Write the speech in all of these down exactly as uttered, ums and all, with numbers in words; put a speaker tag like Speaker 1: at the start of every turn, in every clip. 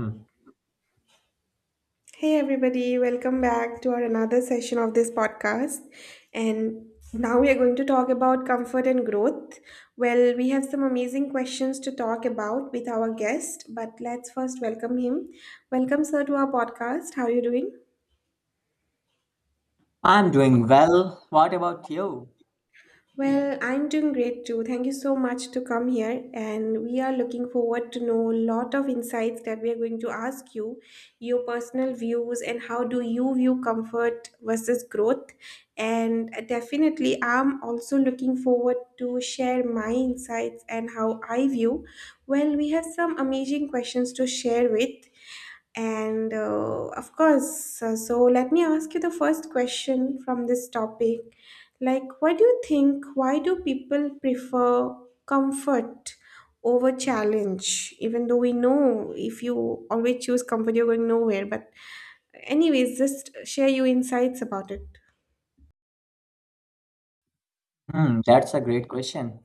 Speaker 1: Hmm.
Speaker 2: Hey everybody, welcome back to our another session of this podcast. And now we are going to talk about comfort and growth. Well, we have some amazing questions to talk about with our guest, but let's first welcome him. Welcome sir to our podcast. How are you doing?
Speaker 1: I'm doing well. What about you?
Speaker 2: Well, I'm doing great too. Thank you so much to come here, and we are looking forward to know a lot of insights that we are going to ask you, your personal views, and how do you view comfort versus growth. And definitely, I'm also looking forward to share my insights and how I view. Well, we have some amazing questions to share with. And uh, of course, uh, so let me ask you the first question from this topic. Like, what do you think? Why do people prefer comfort over challenge? Even though we know if you always choose comfort, you're going nowhere. But anyways, just share your insights about it.
Speaker 1: Hmm, that's a great question.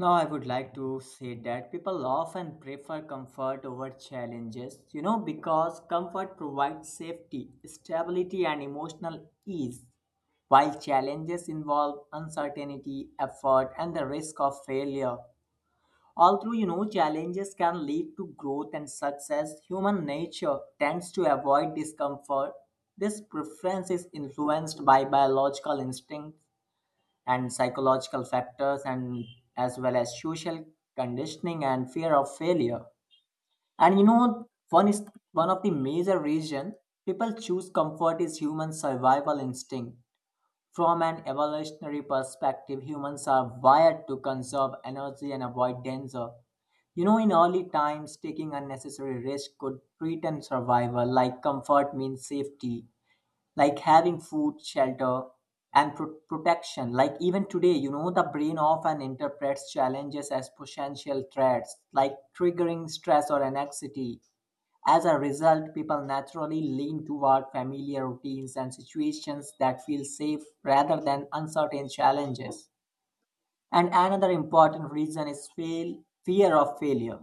Speaker 1: Now, I would like to say that people often prefer comfort over challenges, you know, because comfort provides safety, stability, and emotional ease, while challenges involve uncertainty, effort, and the risk of failure. Although you know challenges can lead to growth and success, human nature tends to avoid discomfort. This preference is influenced by biological instincts and psychological factors and as well as social conditioning and fear of failure. And you know one is One of the major reason people choose comfort is human survival instinct. From an evolutionary perspective, humans are wired to conserve energy and avoid danger. You know, in early times, taking unnecessary risk could threaten survival, like comfort means safety, like having food, shelter, and pro- protection. Like even today, you know, the brain often interprets challenges as potential threats, like triggering stress or anxiety. As a result, people naturally lean toward familiar routines and situations that feel safe rather than uncertain challenges. And another important reason is fail, fear of failure.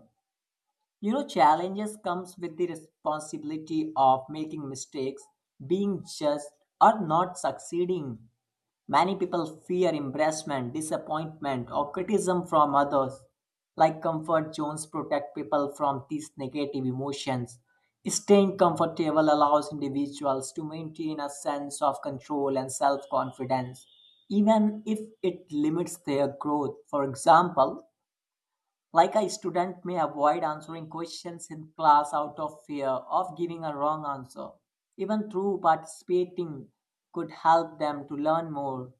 Speaker 1: You know, challenges comes with the responsibility of making mistakes, being just or not succeeding. Many people fear embarrassment, disappointment, or criticism from others. Like comfort zones protect people from these negative emotions. Staying comfortable allows individuals to maintain a sense of control and self confidence, even if it limits their growth. For example, like a student may avoid answering questions in class out of fear of giving a wrong answer, even through participating could help them to learn more.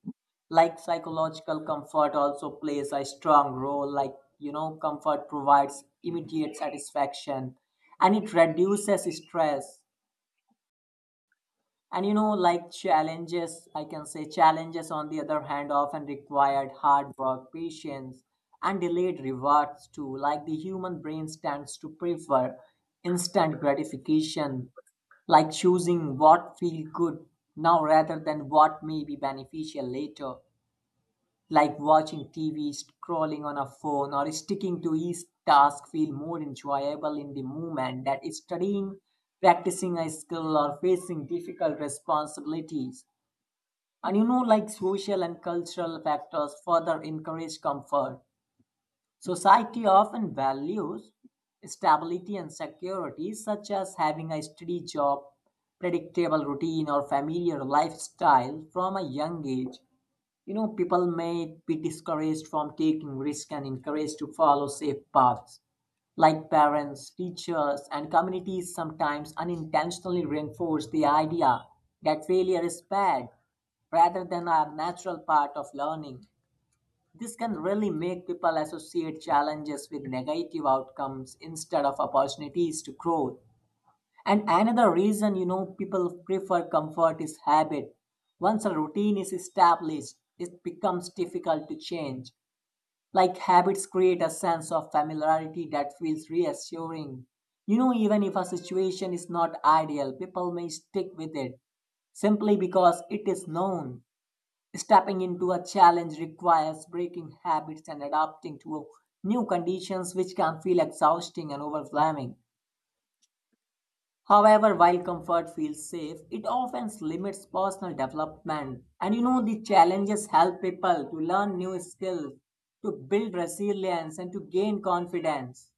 Speaker 1: Like psychological comfort also plays a strong role, like you know, comfort provides immediate satisfaction and it reduces stress. And you know, like challenges, I can say challenges on the other hand often required hard work, patience, and delayed rewards too. Like the human brain stands to prefer instant gratification, like choosing what feel good now rather than what may be beneficial later like watching T V, scrolling on a phone, or sticking to each task feel more enjoyable in the moment that is studying, practicing a skill, or facing difficult responsibilities. And you know, like social and cultural factors further encourage comfort. Society often values stability and security, such as having a steady job, predictable routine, or familiar lifestyle from a young age. You know, people may be discouraged from taking risks and encouraged to follow safe paths, like parents teachers and communities sometimes unintentionally reinforce the idea that failure is bad rather than a natural part of learning. This can really make people associate challenges with negative outcomes instead of opportunities to grow. And another reason, you know, people prefer comfort is habit. Once a routine is established, it becomes difficult to change. Like habits create a sense of familiarity that feels reassuring. You know, even if a situation is not ideal, people may stick with it simply because it is known. Stepping into a challenge requires breaking habits and adapting to new conditions, which can feel exhausting and overwhelming. However, while comfort feels safe, it often limits personal development. And you know, the challenges help people to learn new skills, to build resilience, and to gain confidence.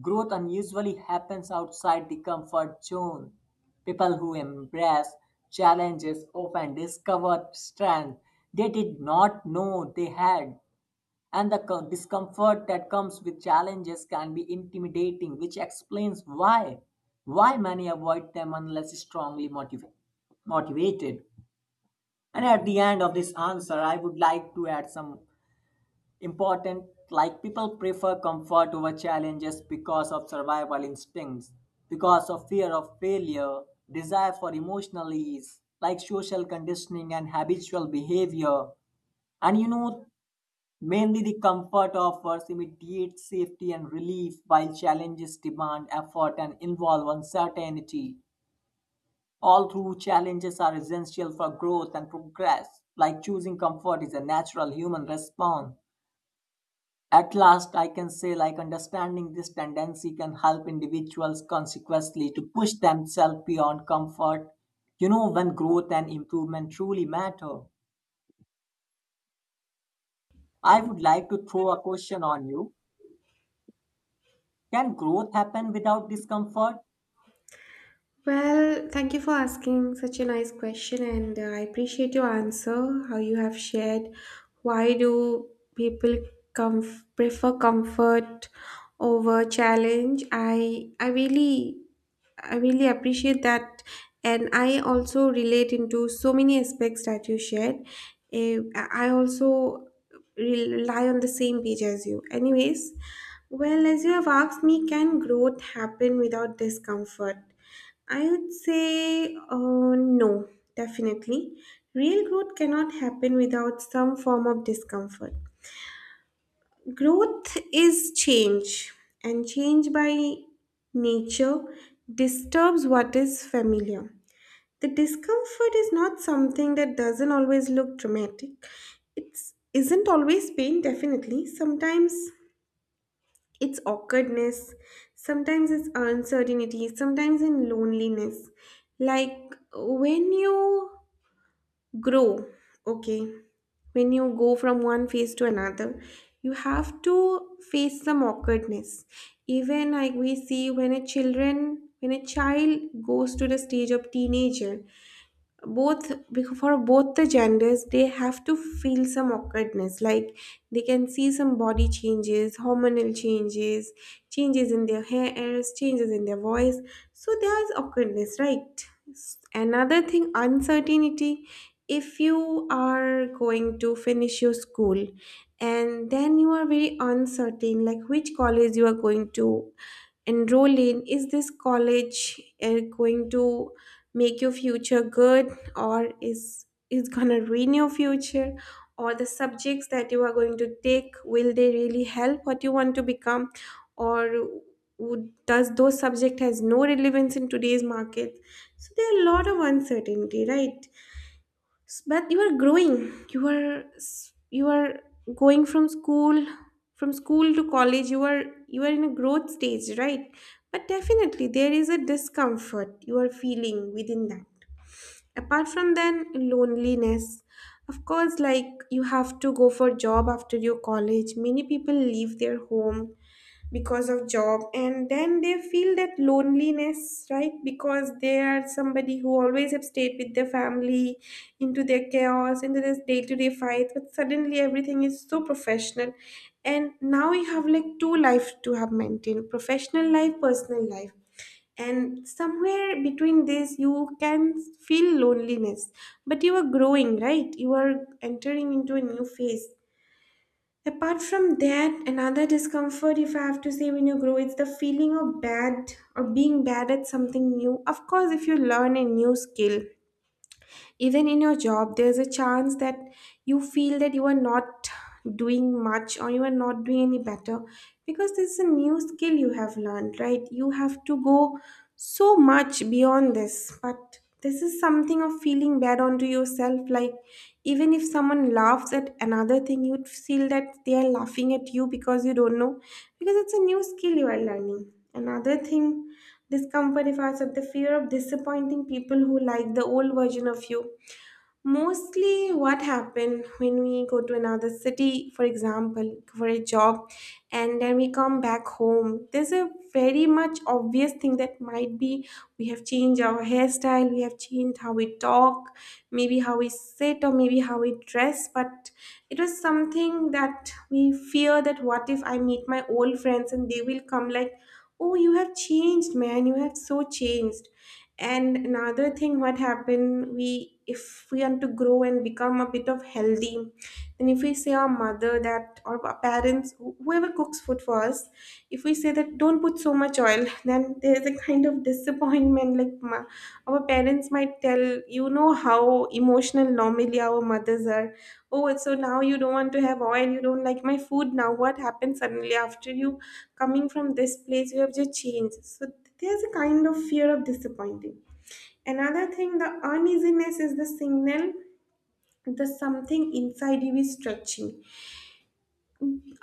Speaker 1: Growth unusually happens outside the comfort zone. People who embrace challenges often discover strength they did not know they had, and the co- discomfort that comes with challenges can be intimidating, which explains why why many avoid them unless strongly motiva- motivated. And at the end of this answer I would like to add some important. Like, people prefer comfort over challenges because of survival instincts, because of fear of failure, desire for emotional ease, like social conditioning and habitual behavior. And you know Mainly the comfort offers immediate safety and relief, while challenges demand effort and involve uncertainty. All through challenges are essential for growth and progress. Like choosing comfort is a natural human response. At last, I can say, like understanding this tendency can help individuals consequently to push themselves beyond comfort. You know, when growth and improvement truly matter. I would like to throw a question on you. Can growth happen without discomfort?
Speaker 2: Well, thank you for asking such a nice question, and uh, I appreciate your answer. How you have shared why do people comf- prefer comfort over challenge? I I really I really appreciate that, and I also relate into so many aspects that you shared. Eh, I I also rely on the same page as you. Anyways, well, as you have asked me, can growth happen without discomfort? I would say uh, no, definitely. Real growth cannot happen without some form of discomfort. Growth is change, and change by nature disturbs what is familiar. The discomfort is not something that doesn't always look dramatic. It isn't always pain, definitely. Sometimes it's awkwardness, sometimes it's uncertainty, sometimes in loneliness. Like when you grow, okay, when you go from one phase to another, you have to face some awkwardness. Even like we see when a children when a child goes to the stage of teenager, both because for both the genders they have to feel some awkwardness, like they can see some body changes, hormonal changes, changes in their hairs, changes in their voice. So there's awkwardness, right? S- another thing, uncertainty. If you are going to finish your school and then you are very uncertain, like which college you are going to enroll in, is this college uh, going to make your future good, or is is gonna ruin your future, or the subjects that you are going to take, will they really help what you want to become, or would, does those subject has no relevance in today's market? So there are a lot of uncertainty, right? S- but you are growing, you are s- you are going from school, from school to college, you are you are in a growth stage, right? But definitely there is a discomfort you are feeling within that. Apart from then loneliness, of course, like you have to go for job after your college. Many people leave their home because of job, and then they feel that loneliness, right? Because they are somebody who always have stayed with their family, into their chaos, into this day-to-day fights, but suddenly everything is so professional, and now you have like two life to have maintained, professional life, personal life, and somewhere between this you can feel loneliness. But you are growing, right? You are entering into a new phase. Apart from that, another discomfort, if I have to say, when you grow, it's the feeling of bad or being bad at something new. Of course, if you learn a new skill, even in your job there's a chance that you feel that you are not doing much, or you are not doing any better, because this is a new skill you have learned, right? You have to go so much beyond this, but this is something of feeling bad onto yourself. Like even if someone laughs at another thing, you'd feel that they are laughing at you because you don't know, because it's a new skill you are learning. Another thing, discomfort, if I said, the fear of disappointing people who like the old version of you. Mostly what happen when we go to another city, for example for a job, and then we come back home, there's a very much obvious thing that might be, we have changed our hairstyle, we have changed how we talk, maybe how we sit, or maybe how we dress. But it was something that we fear, that what if I meet my old friends and they will come like, oh, you have changed, man, you have so changed. And another thing what happened, we if we want to grow and become a bit of healthy, then if we say our mother that, or our parents, wh- whoever cooks food for us, if we say that don't put so much oil, then there is a kind of disappointment, like ma- our parents might tell, you know how emotional normally our mothers are, oh, and so now you don't want to have oil, you don't like my food, now what happened suddenly, after you coming from this place you have just changed. So there's a kind of fear of disappointing. Another thing, the uneasiness is the signal, the something inside you is stretching.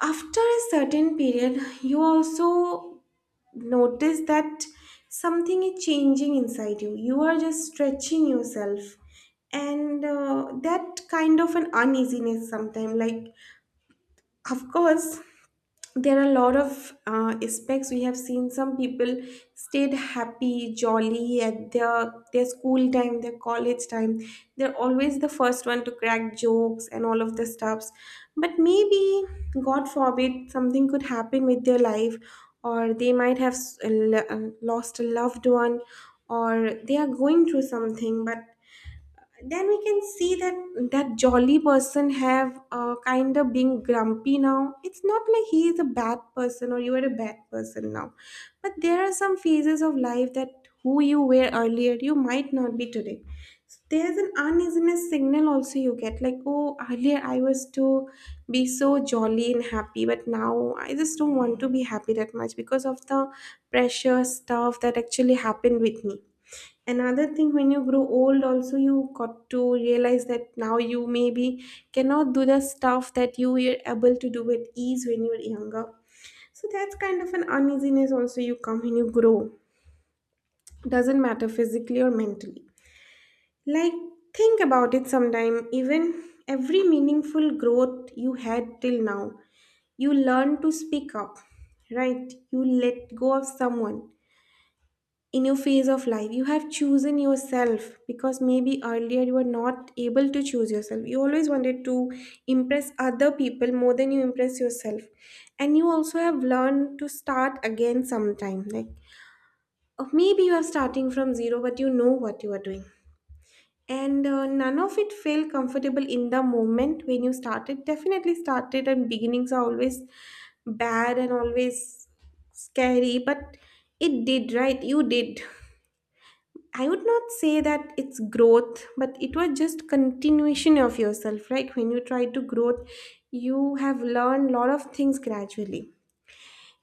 Speaker 2: After a certain period you also notice that something is changing inside you, you are just stretching yourself, and uh, that kind of an uneasiness sometimes. Like, of course, there are a lot of uh, aspects. We have seen some people stayed happy, jolly at their their school time, their college time, they're always the first one to crack jokes and all of the stuffs, but maybe, god forbid, something could happen with their life, or they might have s- l- uh, lost a loved one, or they are going through something. But then we can see that that jolly person have uh, kind of being grumpy now. It's not like he is a bad person or you are a bad person now, but there are some phases of life, that who you were earlier you might not be today. So there's an uneasiness signal also you get, like oh, earlier I was to be so jolly and happy, but now I just don't want to be happy that much because of the pressure stuff that actually happened with me. Another thing, when you grow old also, you got to realize that now you maybe cannot do the stuff that you were able to do with ease when you were younger. So that's kind of an uneasiness also you come when you grow, doesn't matter physically or mentally. Like, think about it sometime, even every meaningful growth you had till now, you learn to speak up, right, you let go of someone in your phase of life, you have chosen yourself, because maybe earlier you were not able to choose yourself, you always wanted to impress other people more than you impress yourself. And you also have learned to start again sometime, like, or maybe you are starting from zero, but you know what you are doing. And uh, none of it felt comfortable in the moment when you started, definitely started, and beginnings are always bad and always scary, but it did, right? You did. I would not say that it's growth, but it was just continuation of yourself, right? When you try to growth, you have learned lot of things gradually.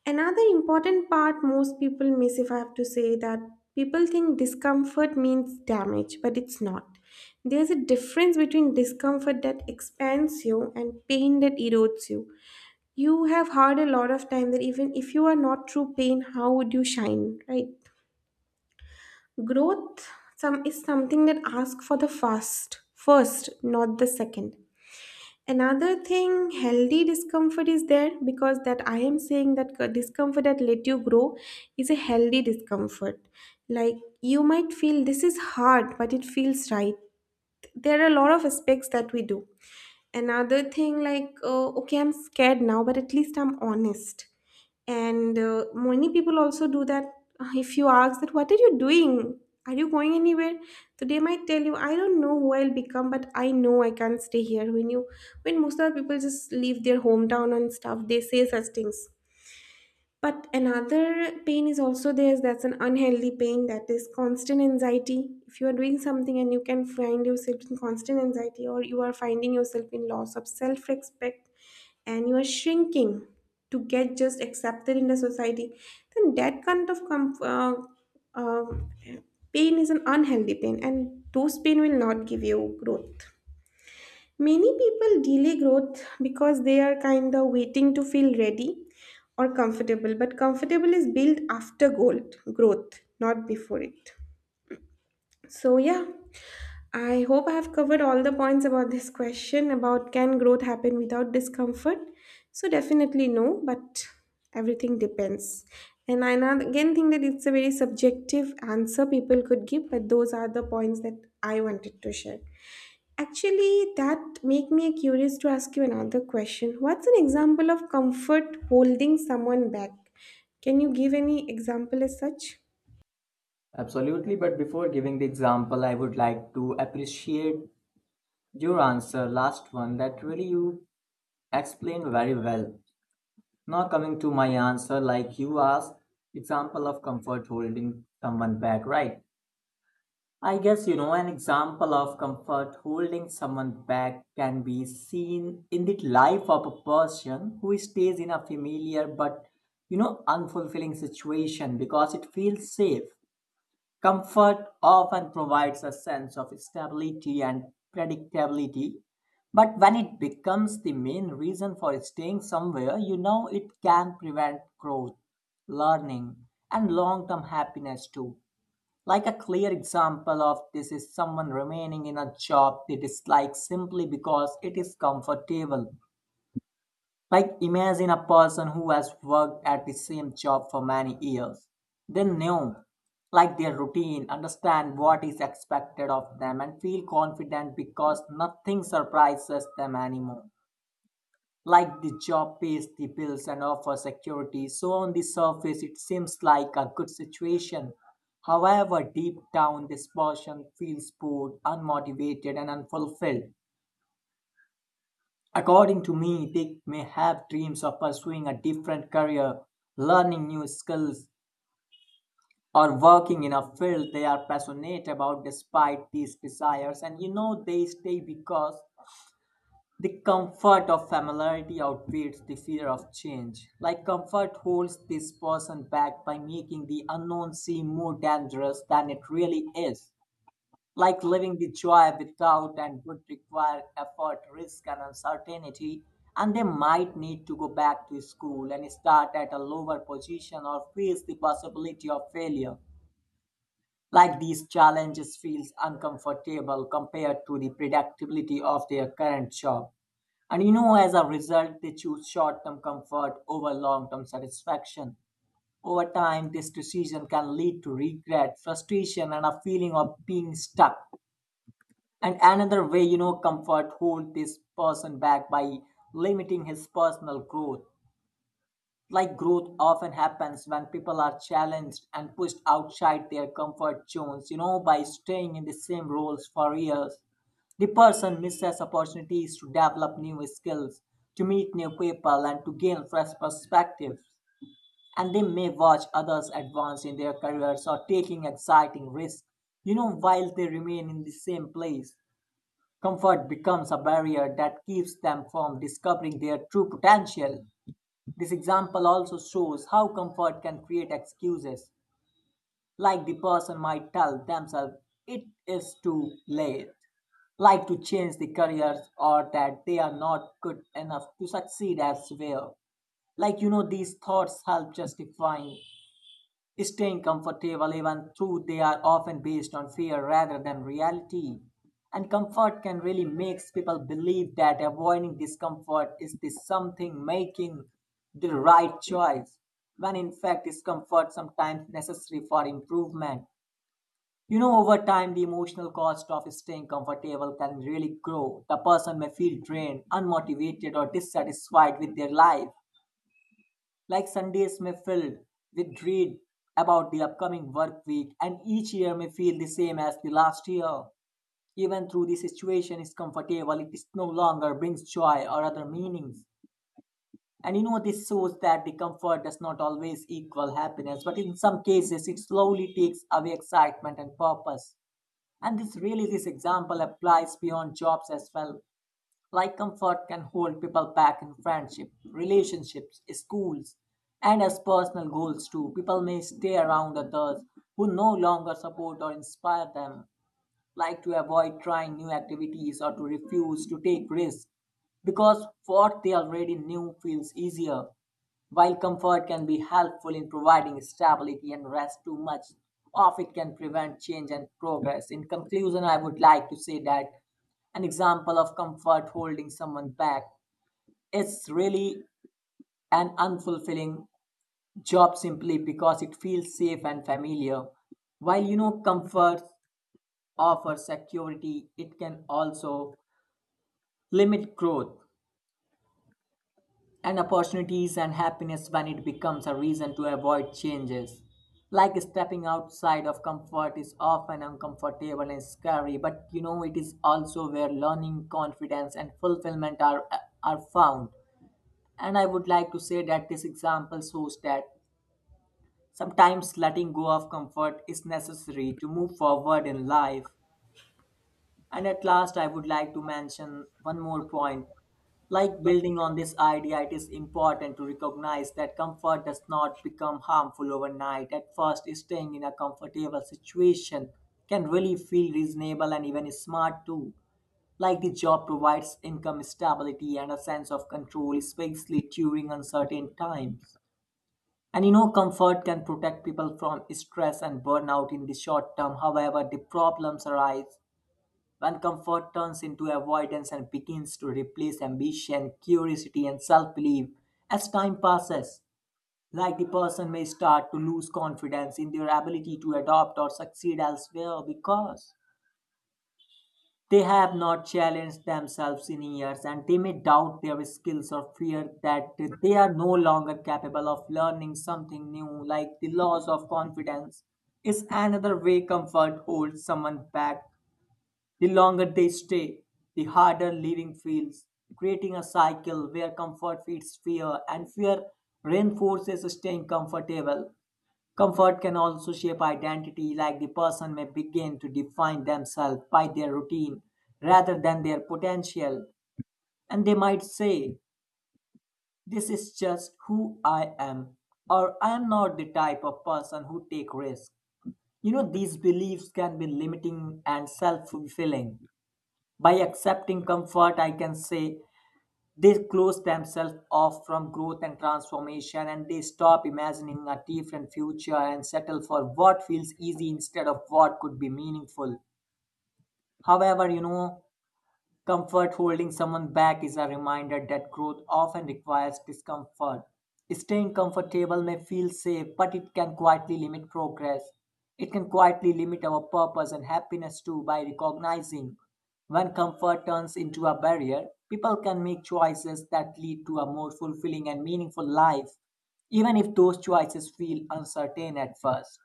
Speaker 2: Another important part most people miss, if I have to say, that people think discomfort means damage, but it's not. There's a difference between discomfort that expands you and pain that erodes you. You have heard a lot of time that even if you are not through pain, how would you shine, right? Growth some is something that asks for the fast first, not the second. Another thing, healthy discomfort is there because, that I am saying, that c- discomfort that let you grow is a healthy discomfort. Like you might feel this is hard, but it feels right. There are a lot of aspects that we do. Another thing, like uh, okay, I'm scared now, but at least I'm honest. And uh, many people also do that. Uh, if you ask that what are you doing, are you going anywhere, so they might tell you, I don't know who I'll become, but I know I can't stay here. When you, when most of the people just leave their hometown and stuff, they say such things. But another pain is also there, that's an unhealthy pain, that is constant anxiety. If you are doing something and you can find yourself in constant anxiety, or you are finding yourself in loss of self respect, and you are shrinking to get just accepted in the society, then that kind of com- uh, uh, pain is an unhealthy pain, and those pain will not give you growth. Many people delay growth because they are kind of waiting to feel ready or comfortable, but comfortable is built after gold, growth, not before it. So, yeah, I hope I have covered all the points about this question about can growth happen without discomfort? So, definitely no, but everything depends. And I now again think that it's a very subjective answer people could give, but those are the points that I wanted to share. Actually, that make me curious to ask you another question. What's an example of comfort holding someone back? Can you give any example as such?
Speaker 1: Absolutely, but before giving the example, I would like to appreciate your answer, last one, that really you explained very well. Now coming to my answer, like you asked, example of comfort holding someone back, right? I guess you know an example of comfort holding someone back can be seen in the life of a person who stays in a familiar but you know unfulfilling situation because it feels safe. Comfort often provides a sense of stability and predictability, but when it becomes the main reason for staying somewhere, you know it can prevent growth, learning, and long term happiness too. Like a clear example of this is someone remaining in a job they dislike simply because it is comfortable. Like imagine a person who has worked at the same job for many years. They know like their routine, understand what is expected of them and feel confident because nothing surprises them anymore. Like the job pays the bills and offers security, so on the surface it seems like a good situation. However, deep down this person feels bored, unmotivated and unfulfilled. According to me, they may have dreams of pursuing a different career, learning new skills, or working in a field they are passionate about despite these desires. And you know, they stay because the comfort of familiarity outweighs the fear of change. Like, comfort holds this person back by making the unknown seem more dangerous than it really is. Like living the joy without and would require effort, risk, and uncertainty, and they might need to go back to school and start at a lower position or face the possibility of failure. Like these challenges feels uncomfortable compared to the predictability of their current job. And you know, as a result, they choose short term comfort over long term satisfaction. Over time, this decision can lead to regret, frustration, and a feeling of being stuck. And another way, you know, comfort hold this person back by limiting his personal growth. Like growth often happens when people are challenged and pushed outside their comfort zones, you know, by staying in the same roles for years. The person misses opportunities to develop new skills, to meet new people, and to gain fresh perspectives. And they may watch others advance in their careers or taking exciting risks, you know, while they remain in the same place. Comfort becomes a barrier that keeps them from discovering their true potential. This example also shows how comfort can create excuses, like the person might tell themselves it is too late, like to change the careers, or that they are not good enough to succeed elsewhere. Like, you know, these thoughts help justifying staying comfortable, even though they are often based on fear rather than reality. And comfort can really makes people believe that avoiding discomfort is the something making the right choice, when in fact discomfort sometimes necessary for improvement. You know, over time, the emotional cost of staying comfortable can really grow. The person may feel drained, unmotivated, or dissatisfied with their life, like Sundays may filled with dread about the upcoming work week, and each year may feel the same as the last year. Even though the situation is comfortable, it is no longer brings joy or other meanings. And you know, this shows that the comfort does not always equal happiness, but in some cases, it slowly takes away excitement and purpose. And this really, this example applies beyond jobs as well. Like comfort can hold people back in friendship, relationships, schools, and as personal goals too. People may stay around others who no longer support or inspire them, like to avoid trying new activities or to refuse to take risks because what they already knew feels easier. While comfort can be helpful in providing stability and rest, too much of it can prevent change and progress. In conclusion, I would like to say that an example of comfort holding someone back is really an unfulfilling job simply because it feels safe and familiar. While you know, comfort offer security, it can also limit growth and opportunities and happiness when it becomes a reason to avoid changes. Like stepping outside of comfort is often uncomfortable and scary, but you know it is also where learning, confidence, and fulfillment are, are found. And I would like to say that this example shows that sometimes letting go of comfort is necessary to move forward in life. And at last, I would like to mention one more point. Like building on this idea, it is important to recognize that comfort does not become harmful overnight. At first, staying in a comfortable situation can really feel reasonable and even smart too. Like the job provides income stability and a sense of control, especially during uncertain times. And you know, comfort can protect people from stress and burnout in the short term. However, the problems arise when comfort turns into avoidance and begins to replace ambition, curiosity, and self belief, as time passes, like the person may start to lose confidence in their ability to adapt or succeed elsewhere because they have not challenged themselves in years and they may doubt their skills or fear that they are no longer capable of learning something new. Like the loss of confidence is another way comfort holds someone back. The longer they stay, the harder living feels, creating a cycle where comfort feeds fear and fear reinforces staying comfortable. Comfort can also shape identity, like the person may begin to define themselves by their routine rather than their potential. And they might say, "This is just who I am," or "I am not the type of person who take risks." You know, these beliefs can be limiting and self fulfilling. By accepting comfort, I can say they close themselves off from growth and transformation and they stop imagining a different future and settle for what feels easy instead of what could be meaningful. However, you know, comfort holding someone back is a reminder that growth often requires discomfort. Staying comfortable may feel safe, but it can quietly limit progress. It can quietly limit our purpose and happiness too. By recognizing when comfort turns into a barrier, people can make choices that lead to a more fulfilling and meaningful life, even if those choices feel uncertain at first.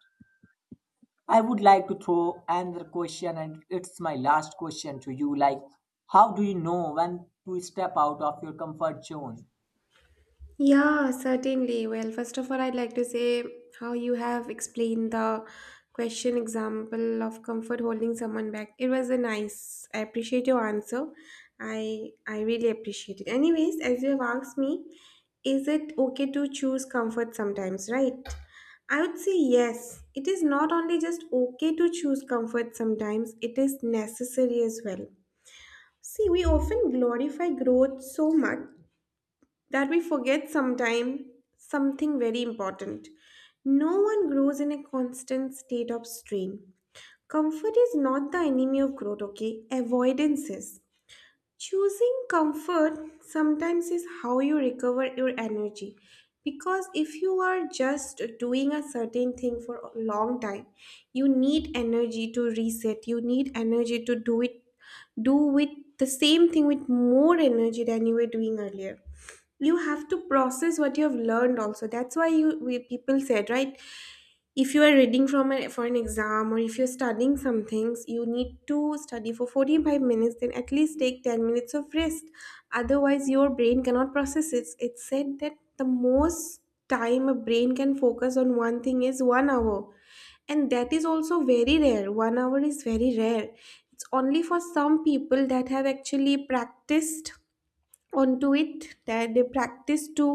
Speaker 1: I would like to throw another question, and it's my last question to you. Like, how do you know when to step out of your comfort zone?
Speaker 2: Yeah, certainly. Well, first of all, I'd like to say how you have explained the question example of comfort holding someone back. It was a nice. I appreciate your answer. I I really appreciate it. Anyways, as you have asked me, is it okay to choose comfort sometimes, right? I would say yes. It is not only just okay to choose comfort sometimes, it is necessary as well. See, we often glorify growth so much that we forget sometime something very important. No one grows in a constant state of strain. Comfort is not the enemy of growth, okay? Avoidance is. Choosing comfort sometimes is how you recover your energy, because if you are just doing a certain thing for a long time, you need energy to reset, you need energy to do it, do with the same thing with more energy than you were doing earlier. You have to process what you have learned also. That's why you we, people said, right? If you are reading from an, for an exam, or if you're studying some things, you need to study for forty-five minutes, then at least take ten minutes of rest, otherwise your brain cannot process it. It's said that the most time a brain can focus on one thing is one hour, and that is also very rare. One hour is very rare. It's only for some people that have actually practiced onto it, that they practice to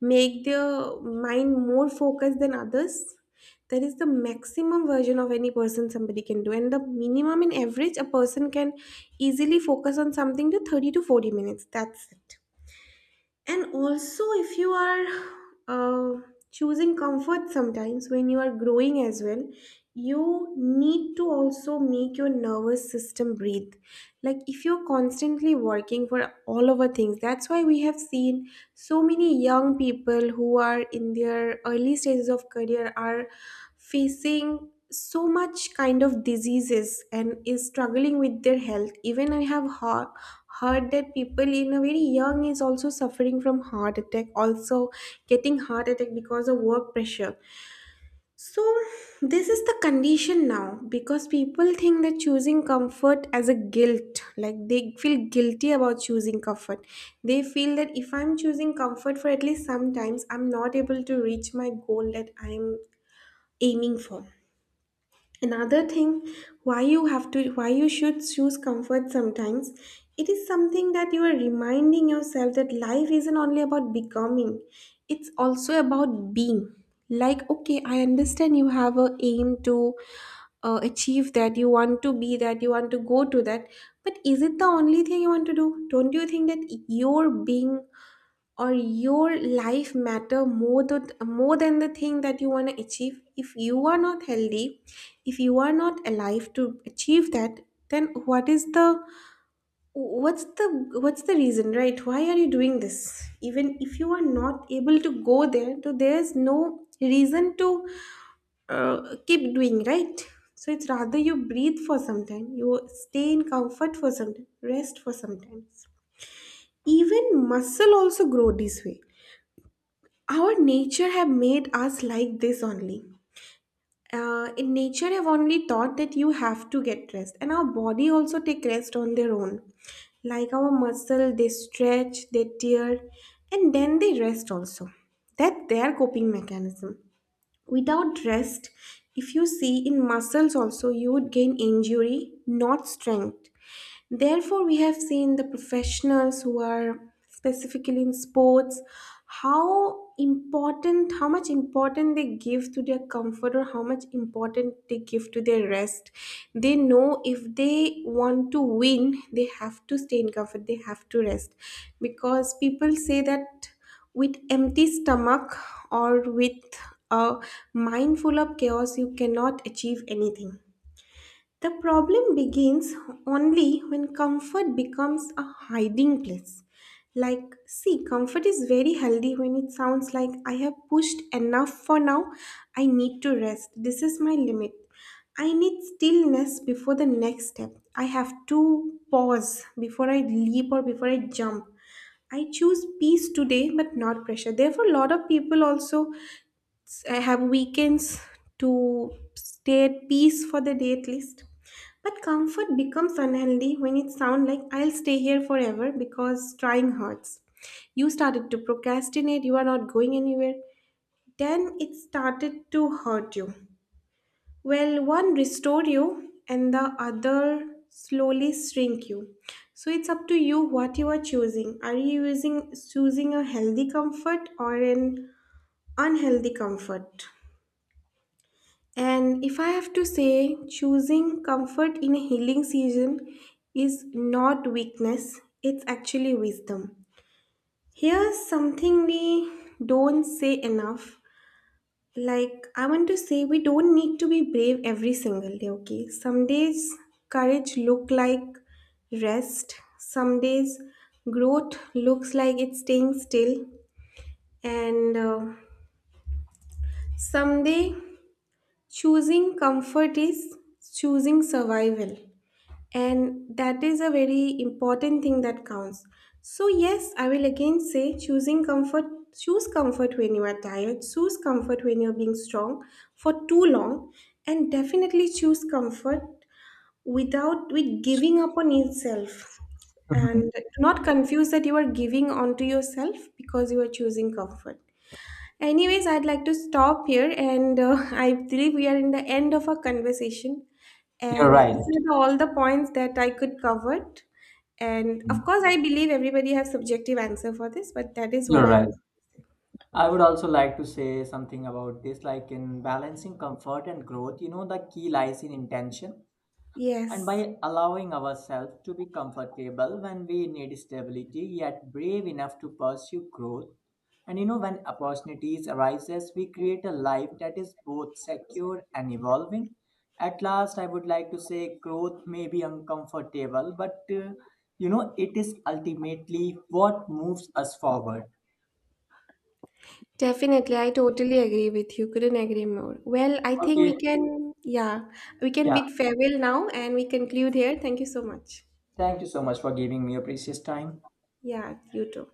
Speaker 2: make their mind more focused than others. That is the maximum version of any person somebody can do, and the minimum and average, a person can easily focus on something to thirty to forty minutes, that's it. And also, if you are uh, choosing comfort sometimes when you are growing as well, you need to also make your nervous system breathe. Like if you're constantly working for all over things, that's why we have seen so many young people who are in their early stages of career are facing so much kind of diseases and is struggling with their health. Even I have heard, heard that people in a very young is also suffering from heart attack, also getting heart attack because of work pressure. So, this is the condition now, because people think that choosing comfort as a guilt, like they feel guilty about choosing comfort. They feel that if I'm choosing comfort for at least sometimes, I'm not able to reach my goal that I'm aiming for. Another thing, why you have to, why you should choose comfort sometimes: it is something that you are reminding yourself that life isn't only about becoming, it's also about being. Like, okay, I understand you have a aim to uh, achieve, that you want to be that, you want to go to that, but is it the only thing you want to do? Don't you think that your being or your life matter more than, more than the thing that you want to achieve? If you are not healthy, if you are not alive to achieve that, then what is the what's the what's the reason, right? Why are you doing this, even if you are not able to go there? So there's no reason to uh, keep doing, right? So it's rather you breathe for some time, you stay in comfort for some time, rest for some time. Even muscle also grow this way. Our nature have made us like this only. Uh, in nature have only taught that you have to get rest, and our body also take rest on their own. Like our muscle, they stretch, they tear, and then they rest also. That their coping mechanism. Without rest, if you see in muscles also, you would gain injury, not strength. Therefore, we have seen the professionals who are specifically in sports, how important, how much important they give to their comfort, or how much important they give to their rest. They know if they want to win, they have to stay in comfort, they have to rest. Because people say that with empty stomach, or with a mind full of chaos, you cannot achieve anything. The problem begins only when comfort becomes a hiding place. Like, see, comfort is very healthy when it sounds like I have pushed enough for now, I need to rest. This is my limit. I need stillness before the next step. I have to pause before I leap or before I jump. I choose peace today, but not pressure. Therefore, a lot of people also I have weekends to stay at peace for the day at least. But comfort becomes unhealthy when it sounds like I'll stay here forever because trying hurts. You started to procrastinate, you are not going anywhere. Then it started to hurt you. Well, one restore you and the other slowly shrink you. So it's up to you what you are choosing. Are you using choosing a healthy comfort or an unhealthy comfort? And if I have to say, choosing comfort in a healing season is not weakness, it's actually wisdom. Here's something we don't say enough. Like, I want to say, we don't need to be brave every single day, okay? Some days, courage look like rest. Some days, growth looks like it's staying still. And uh, someday, choosing comfort is choosing survival. And that is a very important thing that counts. So, yes, I will again say choosing comfort, choose comfort when you are tired, choose comfort when you're being strong for too long, and definitely choose comfort without with giving up on yourself.
Speaker 1: Mhm.
Speaker 2: And do not confuse that you are giving onto yourself because you are choosing comfort. Anyways, I'd like to stop here, and uh, I believe we are in the end of our conversation.
Speaker 1: You're
Speaker 2: And
Speaker 1: right.
Speaker 2: these are the- all the points that I could cover. And
Speaker 1: Mhm.
Speaker 2: of course, I believe everybody has subjective answer for this, but that is what
Speaker 1: You're
Speaker 2: I
Speaker 1: right.
Speaker 2: want.
Speaker 1: I would also like to say something about this. Like, in balancing comfort and growth, you know, the key lies in intention. And
Speaker 2: Yes,
Speaker 1: by allowing ourselves to be comfortable when we need stability yet brave enough to pursue growth, and you know when opportunities arises we create a life that is both secure and evolving. At last I would like to say growth may be uncomfortable, but uh, you know it is ultimately what moves us forward.
Speaker 2: definitely. I totally agree with you. Couldn't agree more. Well, I think
Speaker 1: Okay.
Speaker 2: we can, yeah, we can
Speaker 1: Yeah,
Speaker 2: bid farewell now and we conclude here. Thank you so much.
Speaker 1: thank you so much for giving me your precious time.
Speaker 2: Yeah, you too.